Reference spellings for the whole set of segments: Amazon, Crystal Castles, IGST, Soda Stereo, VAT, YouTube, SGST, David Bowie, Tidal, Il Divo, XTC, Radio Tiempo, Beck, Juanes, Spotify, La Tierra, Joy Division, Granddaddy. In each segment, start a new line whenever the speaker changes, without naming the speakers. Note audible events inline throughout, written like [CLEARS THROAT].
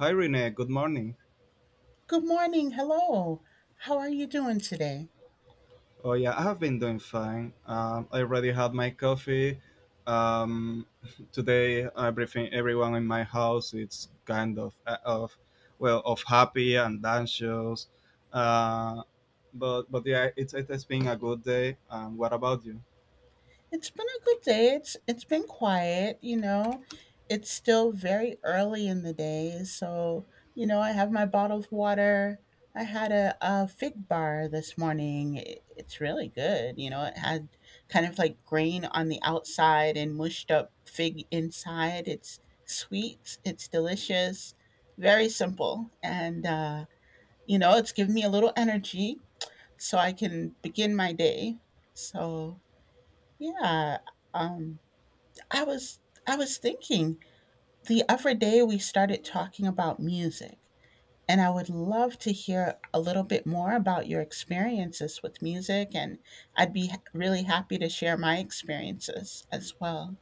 Hi Renee, good morning.
Good morning. Hello. How are you doing today?
Oh yeah, I have been doing fine. I already had my coffee. Um, [LAUGHS] Today, everything, everyone in my house, it's kind of happy and anxious. Uh, but yeah, it has been a good day. What about you?
It's been a good day. It's been quiet, you know. It's still very early in the day, so you know, I have my bottle of water. I had a fig bar this morning. It's really good. You know, it had kind of like grain on the outside and mushed up fig inside. It's sweet, it's delicious, very simple. And, you know, it's given me a little energy so I can begin my day. So yeah, um, I was I was thinking the other day we started talking about music, and I would love to hear a little bit more about your experiences with music, and I'd be really happy to share my experiences as well.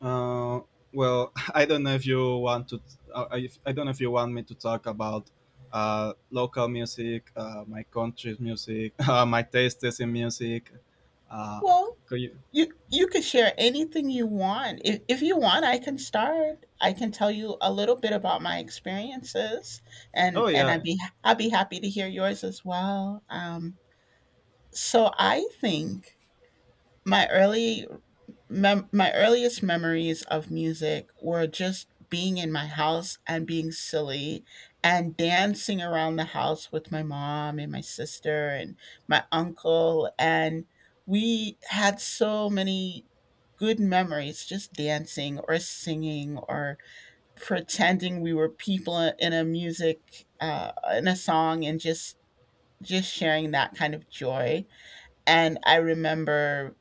Uh, well, [LAUGHS] I don't know if you want to. I don't know if you want me to talk about local music, my country's music, [LAUGHS] my tastes in music. Uh,
Well,
could you?
you could share anything you want. If you want, I can start. I can tell you a little bit about my experiences, and
Oh
and
yeah.
I'd be happy to hear yours as well. So I think my early my earliest memories of music were just being in my house and being silly and dancing around the house with my mom and my sister and my uncle and we had so many good memories just dancing or singing or pretending we were people in a music in a song and just sharing that kind of joy. And I remember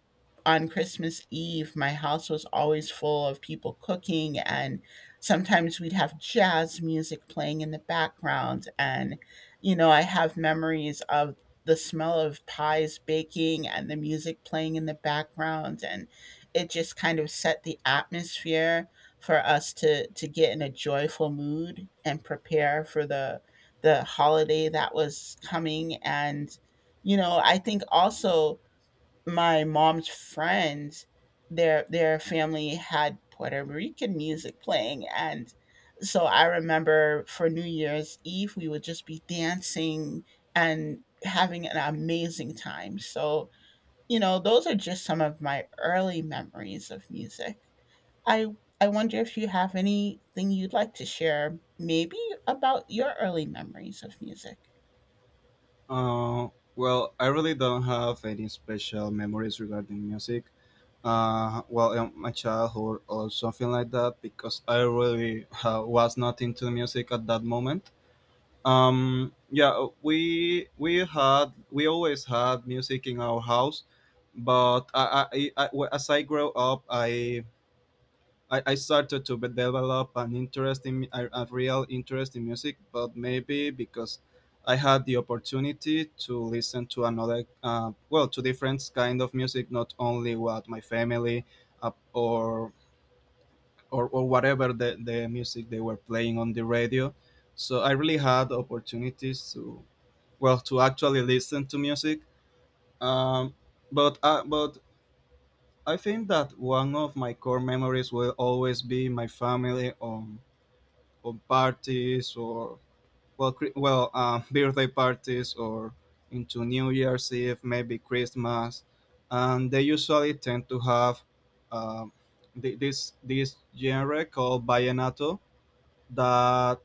on Christmas Eve, my house was always full of people cooking, and sometimes we'd have jazz music playing in the background. And, you know, I have memories of the smell of pies baking and the music playing in the background. And it just kind of set the atmosphere for us to get in a joyful mood and prepare for the holiday that was coming. And you know, I think also my mom's friends, their family had Puerto Rican music playing, and so I remember for New Year's Eve we would just be dancing and having an amazing time. So, you know, those are just some of my early memories of music. I I wonder if you have anything you'd like to share maybe about your early memories of music.
Uh, well, I really don't have any special memories regarding music. Well, in my childhood or something like that, because I really was not into music at that moment. Yeah, we had, we always had music in our house, but as I grow up I started to develop an interest in a real interest in music, but maybe because I had the opportunity to listen to another, to different kind of music, not only what my family uh, or, or whatever the music they were playing on the radio. So I really had opportunities to, well, to actually listen to music. Um, but uh, but I think that one of my core memories will always be my family on parties or, well, [LAUGHS] birthday parties or into new year's eve, maybe christmas, and they usually tend to have, um, this genre called vallenato that,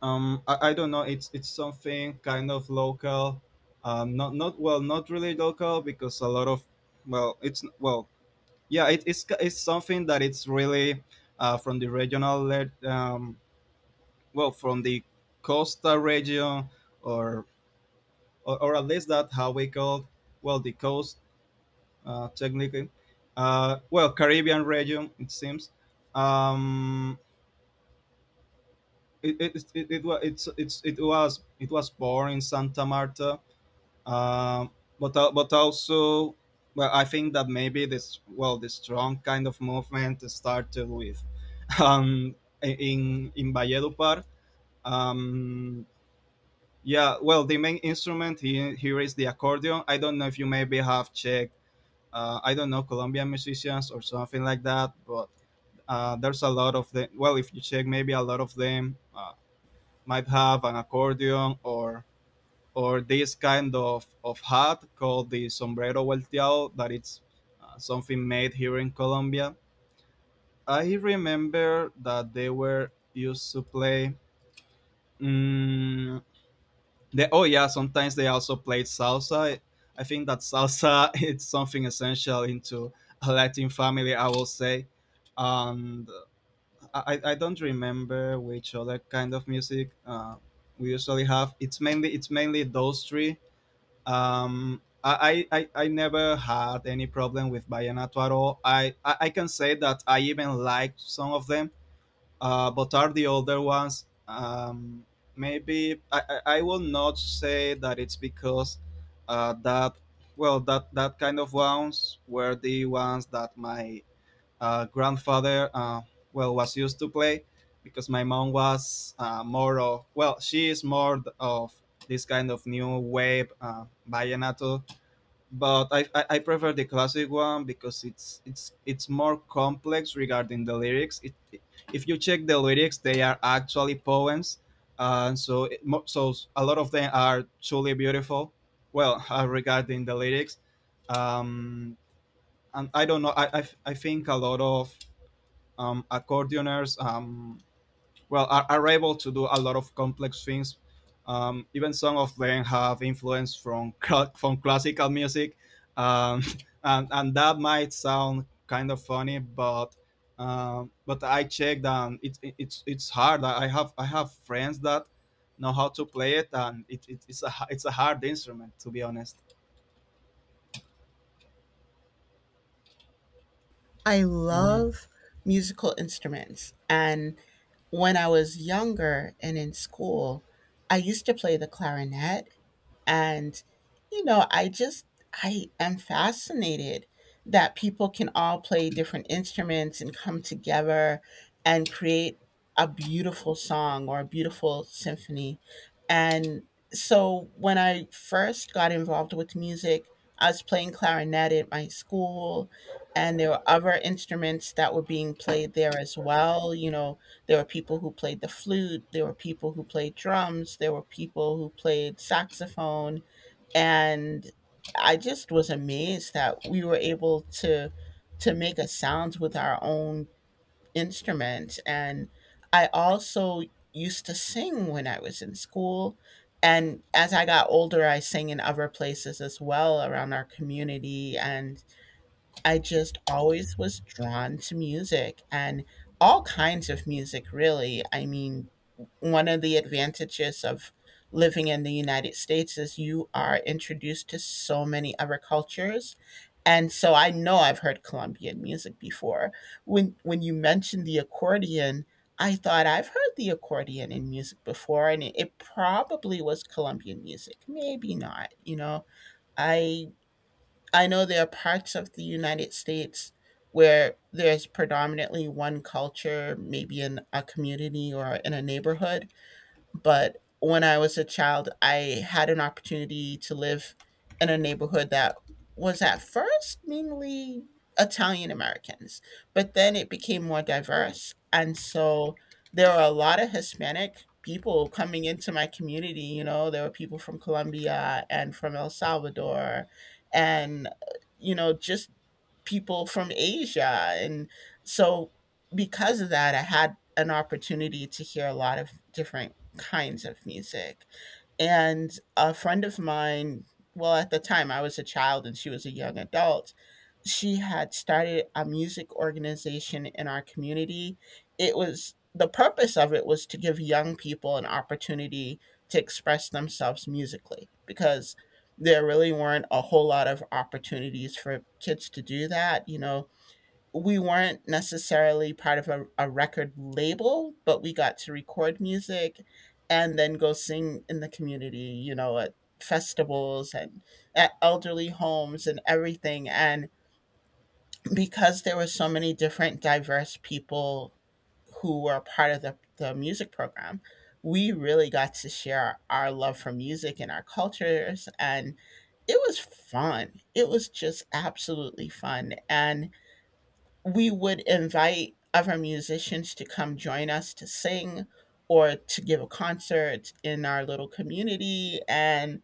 I, don't know, it's something kind of local. Not really local, because a lot of, well, it's, well, yeah, it's it's something that it's really from the regional from the costa region or, or at least that how we call, well, the coast, technically, caribbean region, it seems. Um it it, it, it, it, wa- it's it was It was born in santa marta. Um, but al- but also, well, I think that maybe this, well, this strong kind of movement started with [LAUGHS] um in valledupar. um yeah, well, the main instrument here is the accordion. I don't know if you maybe have checked, I don't know, colombian musicians or something like that, but there's a lot of them. Well, if you check, maybe a lot of them might have an accordion, or this kind of hat called the sombrero volteado, that it's something made here in Colombia. I remember that they were used to play. mm they, oh yeah, sometimes they also played salsa. I think that salsa [LAUGHS] it's something essential into a Latin family, I will say. And I don't remember which other kind of music we usually have. It's mainly, it's mainly those three. I never had any problem with Vallenato at all. I can say that I even liked some of them, but are the older ones. Maybe I will not say that it's because uh, that that kind of ones were the ones that my grandfather well was used to play, because my mom was more of, well, she is more of this kind of new wave vallenato. But I prefer the classic one, because it's it's more complex regarding the lyrics. If you check the lyrics, they are actually poems, and so a lot of them are truly beautiful, well [LAUGHS] regarding the lyrics. Um and I don't know, I think a lot of accordioners well are able to do a lot of complex things. Even some of them have influence from classical music, um, [LAUGHS] and that might sound kind of funny, but I checked, and it's, it's it's hard. I have friends that know how to play it, and it's a hard instrument, to be honest.
I
Mhm.
love musical instruments. And when I was younger and in school, I used to play the clarinet and, you know, I just, I am fascinated that people can all play different instruments and come together and create a beautiful song or a beautiful symphony. And so when I first got involved with music, I was playing clarinet at my school, and there were other instruments that were being played there as well. You know, there were people who played the flute. There were people who played drums. There were people who played saxophone. And I just was amazed that we were able to make a sound with our own instrument. And I also used to sing when I was in school. And as I got older, I sang in other places as well around our community, and I just always was drawn to music and all kinds of music, really. I mean, one of the advantages of living in the United States is you are introduced to so many other cultures. And so I know I've heard Colombian music before. When you mentioned the accordion, I thought I've heard the accordion in music before, and it probably was Colombian music. Maybe not, you know. I I know there are parts of the United States where there's predominantly one culture, maybe in a community or in a neighborhood. But when I was a child, I had an opportunity to live in a neighborhood that was at first mainly Italian Americans, but then it became more diverse. And so there were a lot of Hispanic people coming into my community. You know, there were people from Colombia and from El Salvador and, you know, just people from Asia. And so, because of that, I had an opportunity to hear a lot of different kinds of music. And a friend of mine, well, at the time I was a child and she was a young adult, she had started a music organization in our community. It was the purpose of it was to give young people an opportunity to express themselves musically, because there really weren't a whole lot of opportunities for kids to do that. You know, we weren't necessarily part of a record label, but we got to record music and then go sing in the community, you know, at festivals and at elderly homes and everything. And because there were so many different diverse people who were part of the music program, we really got to share our love for music and our cultures. And it was fun. It was just absolutely fun. And we would invite other musicians to come join us to sing or to give a concert in our little community. And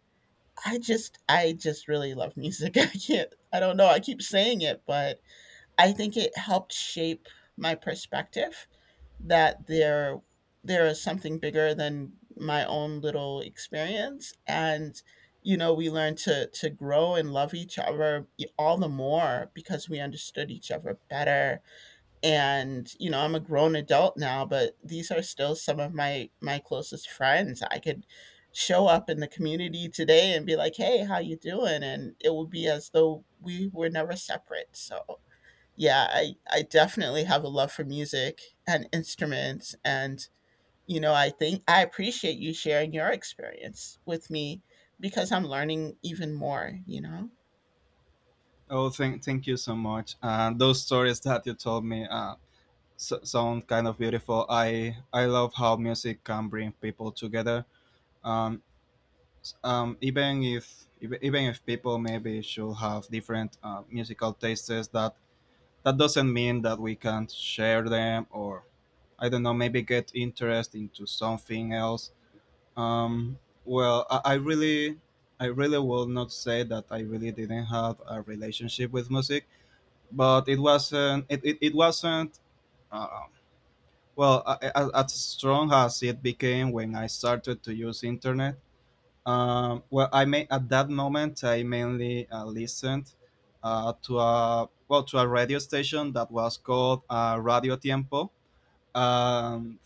I just really love music. [LAUGHS] I can't, I don't know. I keep saying it, but I think it helped shape my perspective that there is something bigger than my own little experience. And you know, we learned to grow and love each other all the more because we understood each other better. And you know, I'm a grown adult now, but these are still some of my my closest friends. I could show up in the community today and be like, hey, how you doing, and it would be as though we were never separate. So yeah, I definitely have a love for music and instruments. And, you know, I think I appreciate you sharing your experience with me, because I'm learning even more, you know?
Oh thank you so much. Those stories that you told me sound kind of beautiful. I love how music can bring people together. Um, Even if ev- even if people maybe should have different musical tastes, that that doesn't mean that we can't share them, or, I don't know, maybe get interest into something else. Um, well, I really, I really will not say that I really didn't have a relationship with music, but it wasn't, it, it wasn't. Uh, as strong as it became when I started to use internet, well, I may at that moment I mainly listened to a, well, to a radio station that was called Radio Tiempo. Um,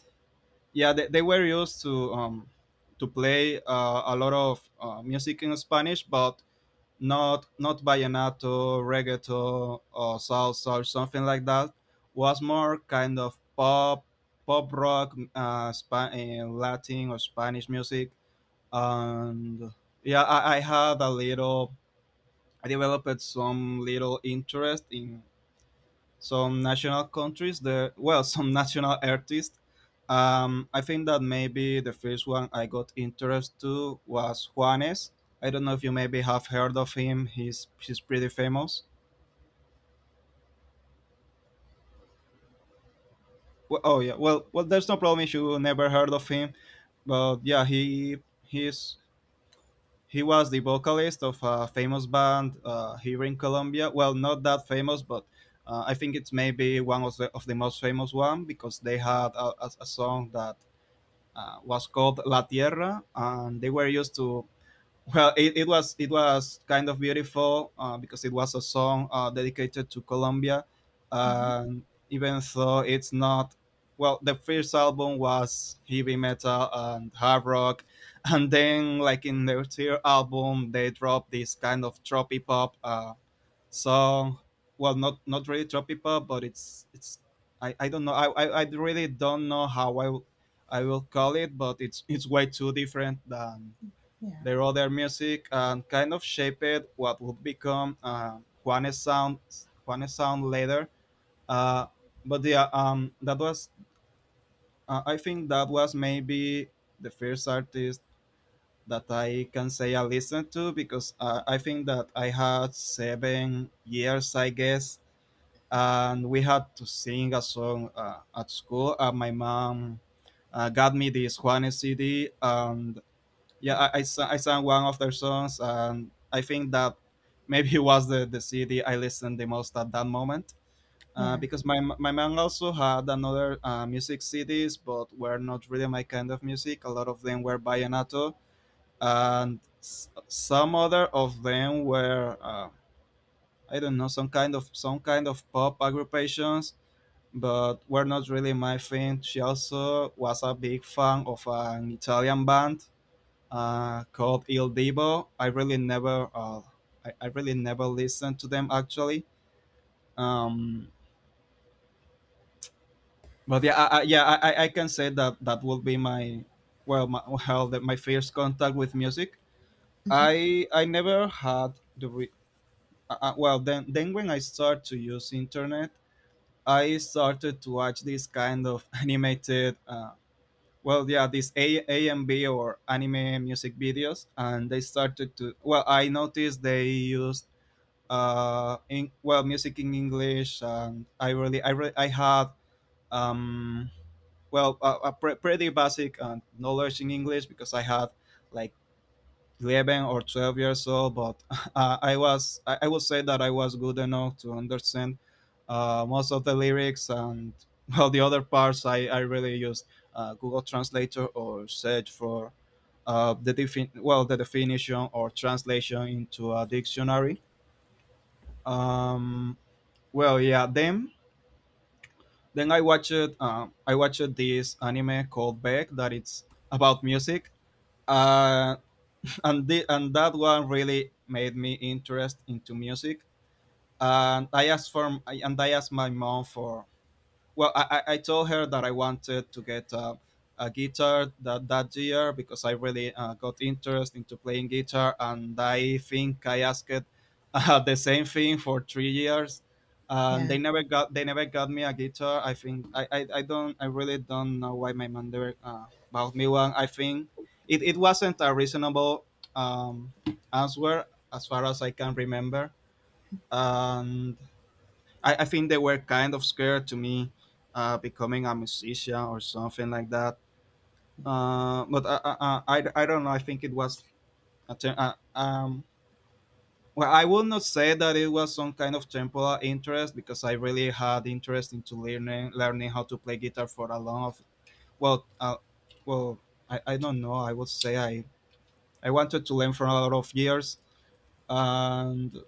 yeah, they were used to play a lot of music in Spanish, but not, not vallenato, reggaeton, or salsa or something like that. Was more kind of pop, pop rock, Latin or Spanish music, and yeah, I had a little. I developed some little interest in some national countries, the, well, some [LAUGHS] national artists. I think that maybe the first one I got interest to was juanes. I don't know if you maybe have heard of him, he's pretty famous. Well, oh yeah, well there's no problem if you never heard of him, but yeah, he he's he was the vocalist of a famous band here in colombia, well, not that famous, but I think it's maybe one of of the most famous one, because they had a song that was called La Tierra, and they were used to. Well, it was, it was kind of beautiful because it was a song dedicated to Colombia,
Hmm.
and even though it's not, well, the first album was heavy metal and hard rock, and then, like, in their third album they dropped this kind of trophy pop. So, Not, not really tropical, but it's, I don't know. I really don't know how I will call it, but it's way too different than
Yeah.
their other music, and kind of shaped what would become Juanes sound Juanes sound later. Uh, but yeah, that was I think that was maybe the first artist that I can say I listened to, because I think that I had 7 years, I guess, and we had to sing a song at school. My mom got me this Juanes CD, and yeah, I sang one of their songs, and I think that maybe [LAUGHS] was the CD I listened the most at that moment.
Yeah.
Because my mom also had another music CDs, but were not really my kind of music. A lot of them were vallenato, and some other of them were I don't know, some kind of, some kind of pop agrupations, but were not really my thing. She also was a big fan of an Italian band called Il Divo. I really never, I really never listened to them actually. Um, but yeah, I can say that that will be my, well, my first contact with music.
Hmm.
I never had then when I start to use internet, I started to watch this kind of [LAUGHS] animated. Well, these a AMV or anime music videos, and they started to, well, I noticed they used in well, music in English, and I really I had um well, pretty basic knowledge in English because I had like 11 or 12 years old, but [LAUGHS] I would say that I was good enough to understand most of the lyrics and, [LAUGHS] well, the other parts, I really used Google Translator or search for well, the definition or translation into a dictionary. Um, well yeah then I watched this anime called Beck that it's about music. uh, and that one really made me interest into music, and I asked my mom for, well, I told her that I wanted to get a guitar that, that year, because I really got interest into playing guitar, and I think I asked [LAUGHS] the same thing for 3 years, and
Yeah.
they never got me a guitar. I think I don't I really don't know why my mom never bought me one. I think it wasn't a reasonable um, answer, as far as I can remember. And I think they were kind of scared to me becoming a musician or something like that. But I don't know. I think it was a ter- uh, um, well, I would not say that it was some kind of temporal interest, because I really had interest into learning how to play guitar for a long of, well, uh, well, I don't know. I would say I wanted to learn for a lot of years. and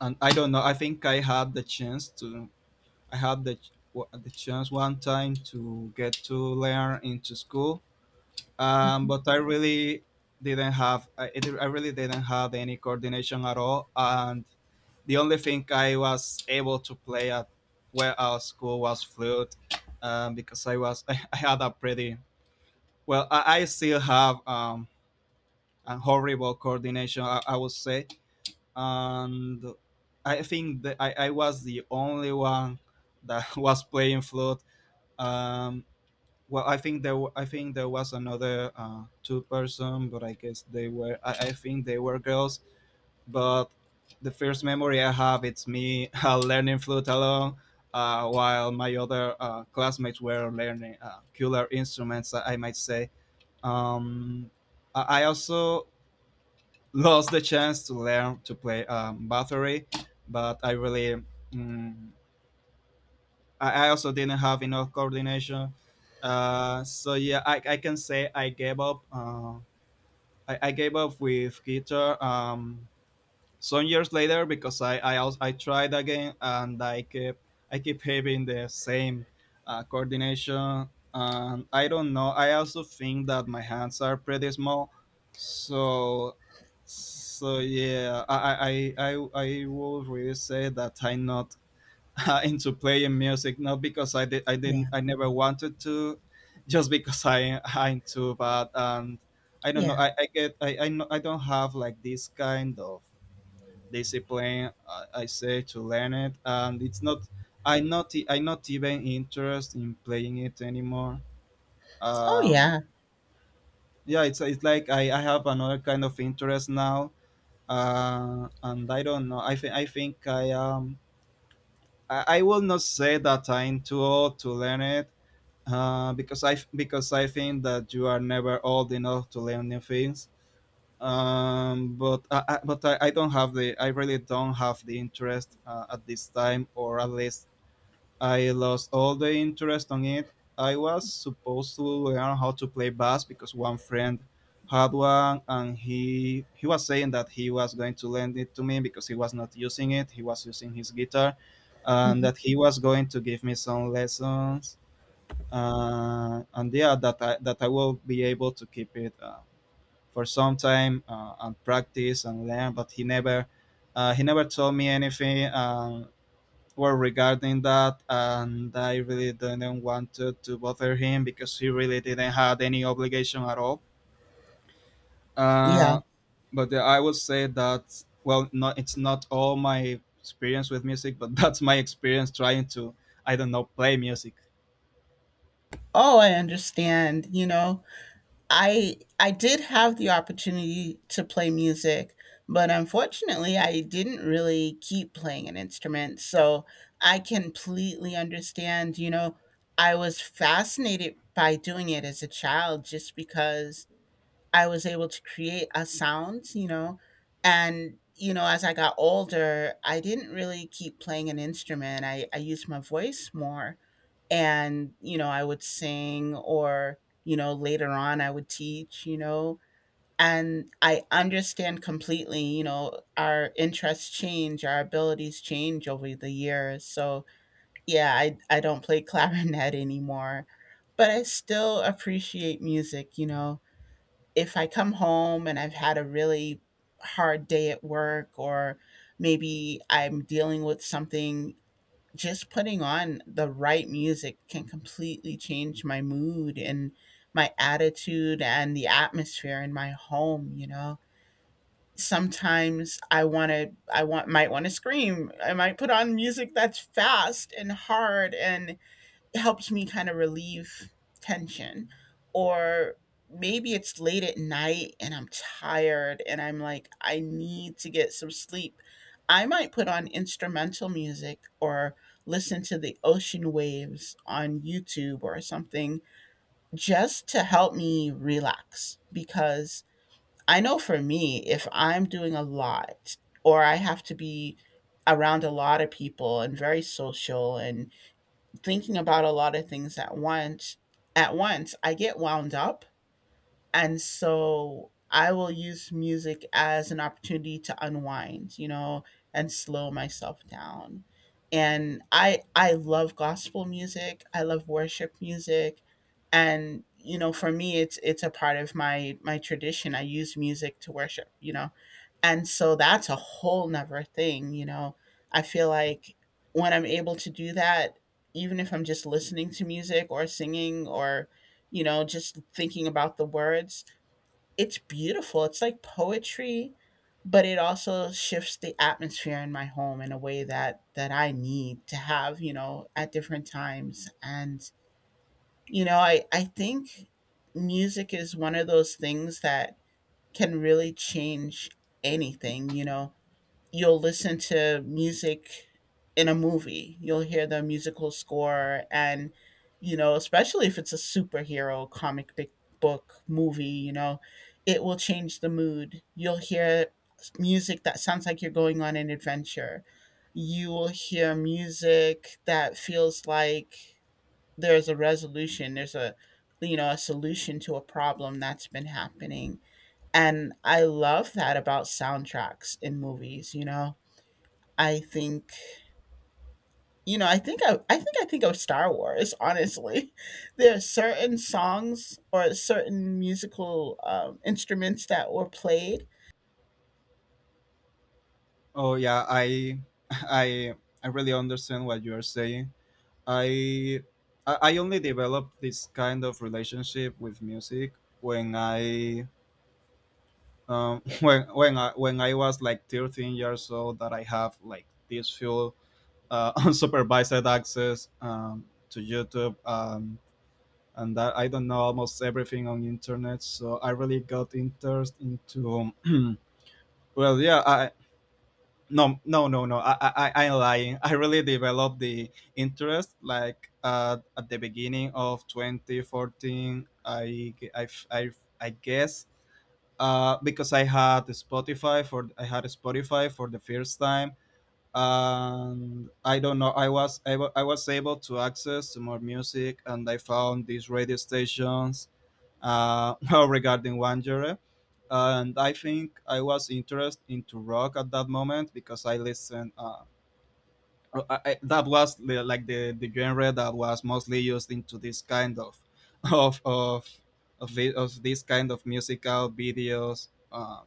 and I don't know. I think I had the chance to, I had the chance one time to get to learn into school,
Hmm. Yeah. Mm-hmm.
but I really didn't have I, it, I really didn't have any coordination at all, and the only thing I was able to play at where our school was flute, because I was, [LAUGHS] I, had a pretty well I still have, a horrible coordination, I would say. And I think that I was the only one that [LAUGHS] was playing flute. um, I think there was another two person, but I guess they were, I think they were girls. But the first memory I have, it's me [LAUGHS] learning flute alone, while my other classmates were learning cooler instruments, I might say. Um, I also lost the chance to learn to play, battery, but I really, mm, I also didn't have enough coordination. So yeah, I can say I gave up. I gave up with guitar, some years later, because I tried again and I keep having the same coordination. And I don't know. I also think that my hands are pretty small, so, so yeah. I would really say that I'm not [LAUGHS] into playing music, not because I did, I didn't, I never wanted to, just because I into that. And I don't know.
Yeah.
I get I, no- I don't have like this kind of discipline. I say to learn it, and it's not. I not even interest in playing it anymore.
Oh,
Um,
yeah.
yeah, it's like I have another kind of interest now, and I don't know. I will not say that I'm too old to learn it, because I think that you are never old enough to learn new things. But I don't have the, I really don't have the interest at this time, or at least I lost all the interest on it. I was supposed to learn how to play bass, because one friend had one, and he was saying that he was going to lend it to me because he was not using it. He was using his guitar, and
Hmm.
that he was going to give me some lessons, and yeah, that I will be able to keep it for some time, and practice and learn. But he never, he never told me anything, regarding that, and I really didn't want to bother him because he really didn't have any obligation at all.
Yeah.
Uh, but yeah, I would say that, well, not, it's not all my experience with music, but [LAUGHS] that's my experience trying to, I don't know, play music.
Oh, I understand, you know? I did have the opportunity to play music, but unfortunately, I didn't really keep playing an instrument. So I completely understand. You know, I was fascinated by doing it as a child, just because I was able to create a sound. You know, and you know, as I got older, I didn't really keep playing an instrument. I used my voice more, and you know, I would sing, or you know, later on I would teach, you know. And I understand completely, you know, our interests change, our abilities change over the years. So yeah, I don't play [LAUGHS] clarinet anymore, but I still appreciate music, you know. If I come home and I've had a really hard day at work, or maybe I'm dealing with something, just putting on the right music can completely change my mood and my attitude and the atmosphere in my home, you know. Sometimes I want to I want might want to scream. I might put on music that's fast and hard and helped me kind of relieve tension. Or maybe it's late at night and I'm tired and I'm like, I need to get some sleep. I might put on instrumental music or listen to the ocean waves on YouTube or something just to help me relax. Because I know for me, if I'm doing a lot, or I have to be around a lot of people and very social and thinking about a lot of things at once I get wound up. And so I will use music as an opportunity to unwind, you know, and slow myself down. And I love gospel music, I love worship music. And you know, for me, it's a part of my my tradition. I use music to worship, you know. And so that's a whole nother thing, you know. I feel like when I'm able to do that, even if I'm just listening to music or singing, or, you know, just thinking about the words, it's beautiful. It's like poetry, but it also shifts the atmosphere in my home in a way that that I need to have, you know, at different times. And, you know, I think music is one of those things that can really change anything, you know. You'll listen to music in a movie. You'll hear the musical score. And you know, especially if it's a superhero book movie, you know, it will change the mood. You'll hear music that sounds like you're going on an adventure. You will hear music that feels like there's a resolution, there's a you know, a solution to a problem that's been happening. And I love that about soundtracks in movies, you know. I think you know, I think of Star Wars. Honestly, [LAUGHS] there are certain songs or certain musical instruments that were played.
Oh yeah, I [LAUGHS] I I really understand what you are saying. I I only developed this kind of relationship with music when I [LAUGHS] when I was like 13 years old, that I have like this full [LAUGHS] unsupervised access, to YouTube, and that, I don't know, almost everything on internet. So I really got interest into, [CLEARS THROAT] well yeah I. no, no, no, no, I'm lying. [LAUGHS] I really developed the interest like at the beginning of 2014, I guess, because I had Spotify for the first time, and I don't know, I was able to access to more music, and I found these radio stations, [LAUGHS] well, regarding one genre. And I think I was interested into rock at that moment, because I listened that was the, like the genre that was mostly used into this kind of, [LAUGHS] of of of this kind of musical videos. uh,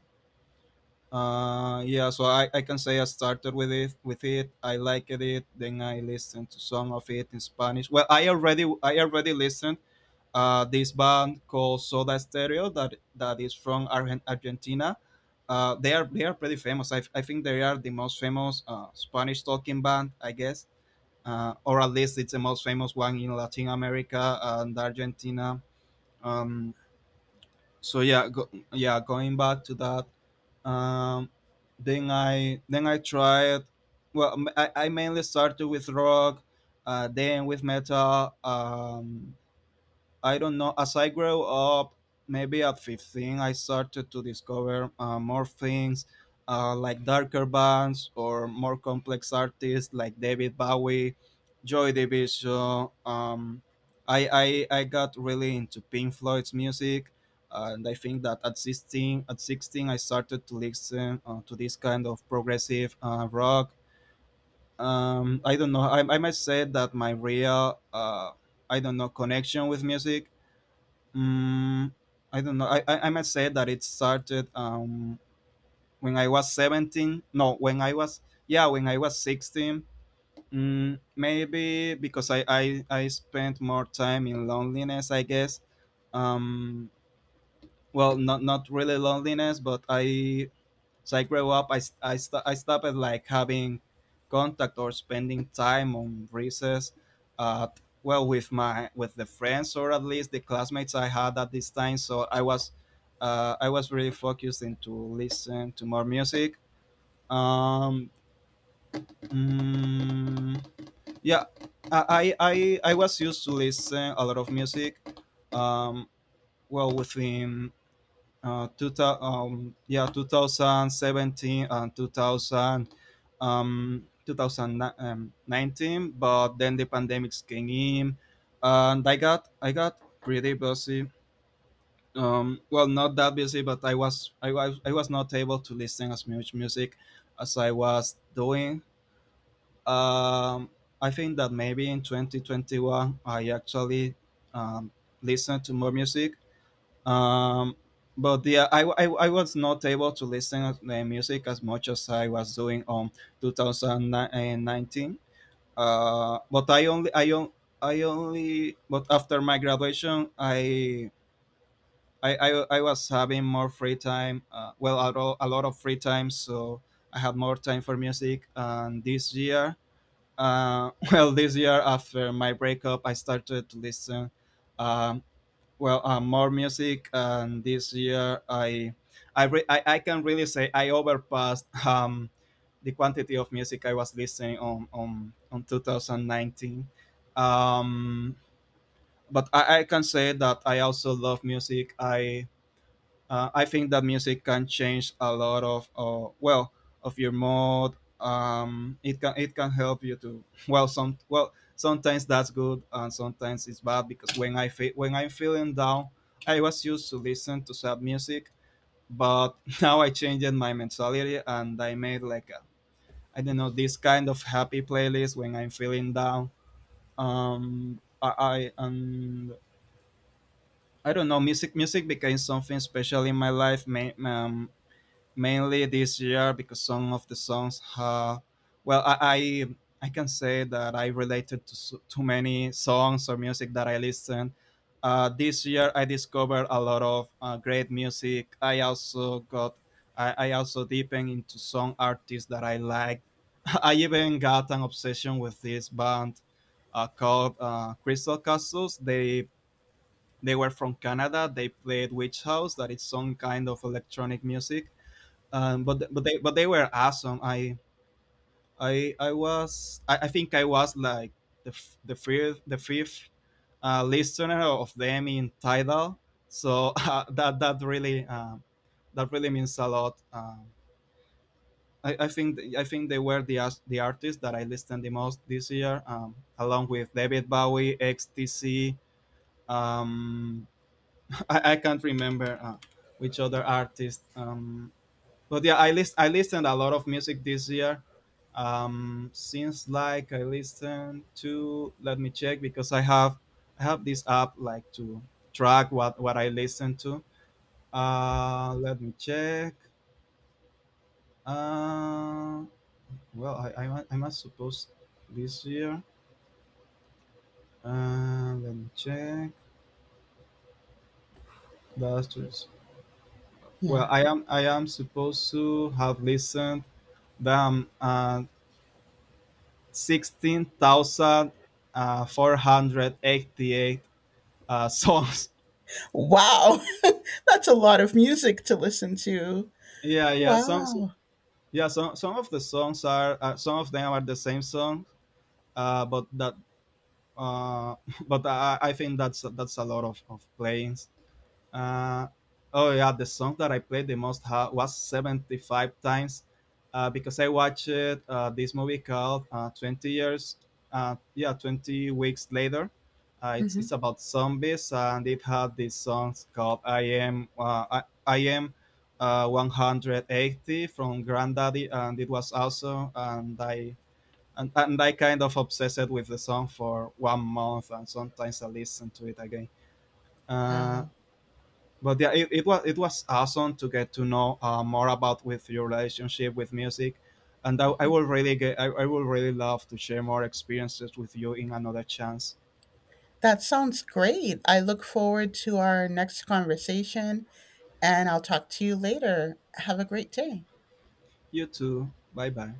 uh, Yeah, so I can say I started with it. I liked it. Then I listened to some of it in Spanish. Well, I already listened, this band called Soda Stereo, that that is from Argentina. They are pretty famous. I think they are the most famous, Spanish talking band, I guess. Or at least it's the most famous one in Latin America and Argentina. Um, so yeah, going back to that, um, then I then I tried, well, I mainly started with rock, then with metal. I don't know. As I grew up, maybe at 15, I started to discover more things, like darker bands or more complex artists like David Bowie, Joy Division. I got really into Pink Floyd's music. And I think that at 16, at 16, I started to listen, to this kind of progressive, rock. I don't know. I might say that my real, I don't know, connection with music, Mm, I don't know. I might say that it started, when I was 17. No, when I was, yeah, when I was 16. Mm, maybe because I spent more time in loneliness, I guess. Um, well, not, not really loneliness, but I, so I grew up, I stopped like having contact or spending time on recess, uh, well, with my, with the friends, or at least the classmates I had at this time. So I was, I was really focused into listen to more music. Um, mm, yeah, I was used to listen a lot of music. Um, well, within, uh, two yeah, 2017 and 2019, but then the pandemics came in, and I got pretty busy. Well, not that busy, but I was not able to listen as much music as I was doing. Um, I think that maybe in 2021 I actually, um, listened to more music, um but yeah, I was not able to listen to the music as much as I was doing on 2019, but I only I on, I only, but after my graduation, I was having more free time, well, a lot of free time, so I had more time for music. And this year, [LAUGHS] well, this year, after my breakup, I started to listen, um, more music. And this year I can really say I overpassed, [LAUGHS] the quantity of music I was listening on 2019. um I can say that I also love music. I think that music can change a lot of, well, of your mood. It can help you to, [LAUGHS] well, some, well, sometimes that's good and sometimes it's bad, because when when I'm feeling down, I was used to listen to sad music, but [LAUGHS] now I changed my mentality and I made like a, I don't know, this kind of happy playlist when I'm feeling down. I and I don't know, music. Music became something special in my life. Mainly this year, because some of the songs have, well, I can say that I related to too many songs or music that I listened. This year I discovered a lot of great music. I also deepened into some artists that I like. [LAUGHS] I even got an obsession with this band called Crystal Castles. They were from Canada. They played Witch House, that is some kind of electronic music, but they were awesome. I think I was like the fifth, listener of them in Tidal. So, [LAUGHS] that that really, that really means a lot. I think they were the artists that I listened the most this year, along with David Bowie, XTC. Um, [LAUGHS] I can't remember, which other artist. But yeah, I listened a lot of music this year, since, like, I listened to, let me check, because I have this app like to track what I listen to. Uh, let me check. Uh, well, I must suppose this year, uh, let me check last years. Well,
Yeah.
I am supposed to have listened them, uh, 16,000, 488, [LAUGHS] songs.
Wow, [LAUGHS] that's a lot of music to listen to.
Yeah, yeah.
Wow.
Yeah. Some of the songs are, some of them are the same song, but that, uh, [LAUGHS] but I think that's a lot of playings. Uh, oh yeah, the song that I played the most was 75 times, because I watched this movie called, 20 years, yeah, 20 weeks later. It's
Hmm.
about zombies, and it had these songs called I am, I am, 180 from Granddaddy, and it was awesome. And, I and I kind of obsessed with the song for 1 month, and sometimes I listen to it again. Uh,
Wow.
but yeah, it was, it was awesome to get to know, more about with your relationship with music, and I will really love to share more experiences with you in another chance.
That sounds great. I look forward to our next conversation, and I'll talk to you later. Have a great day.
You too. Bye bye.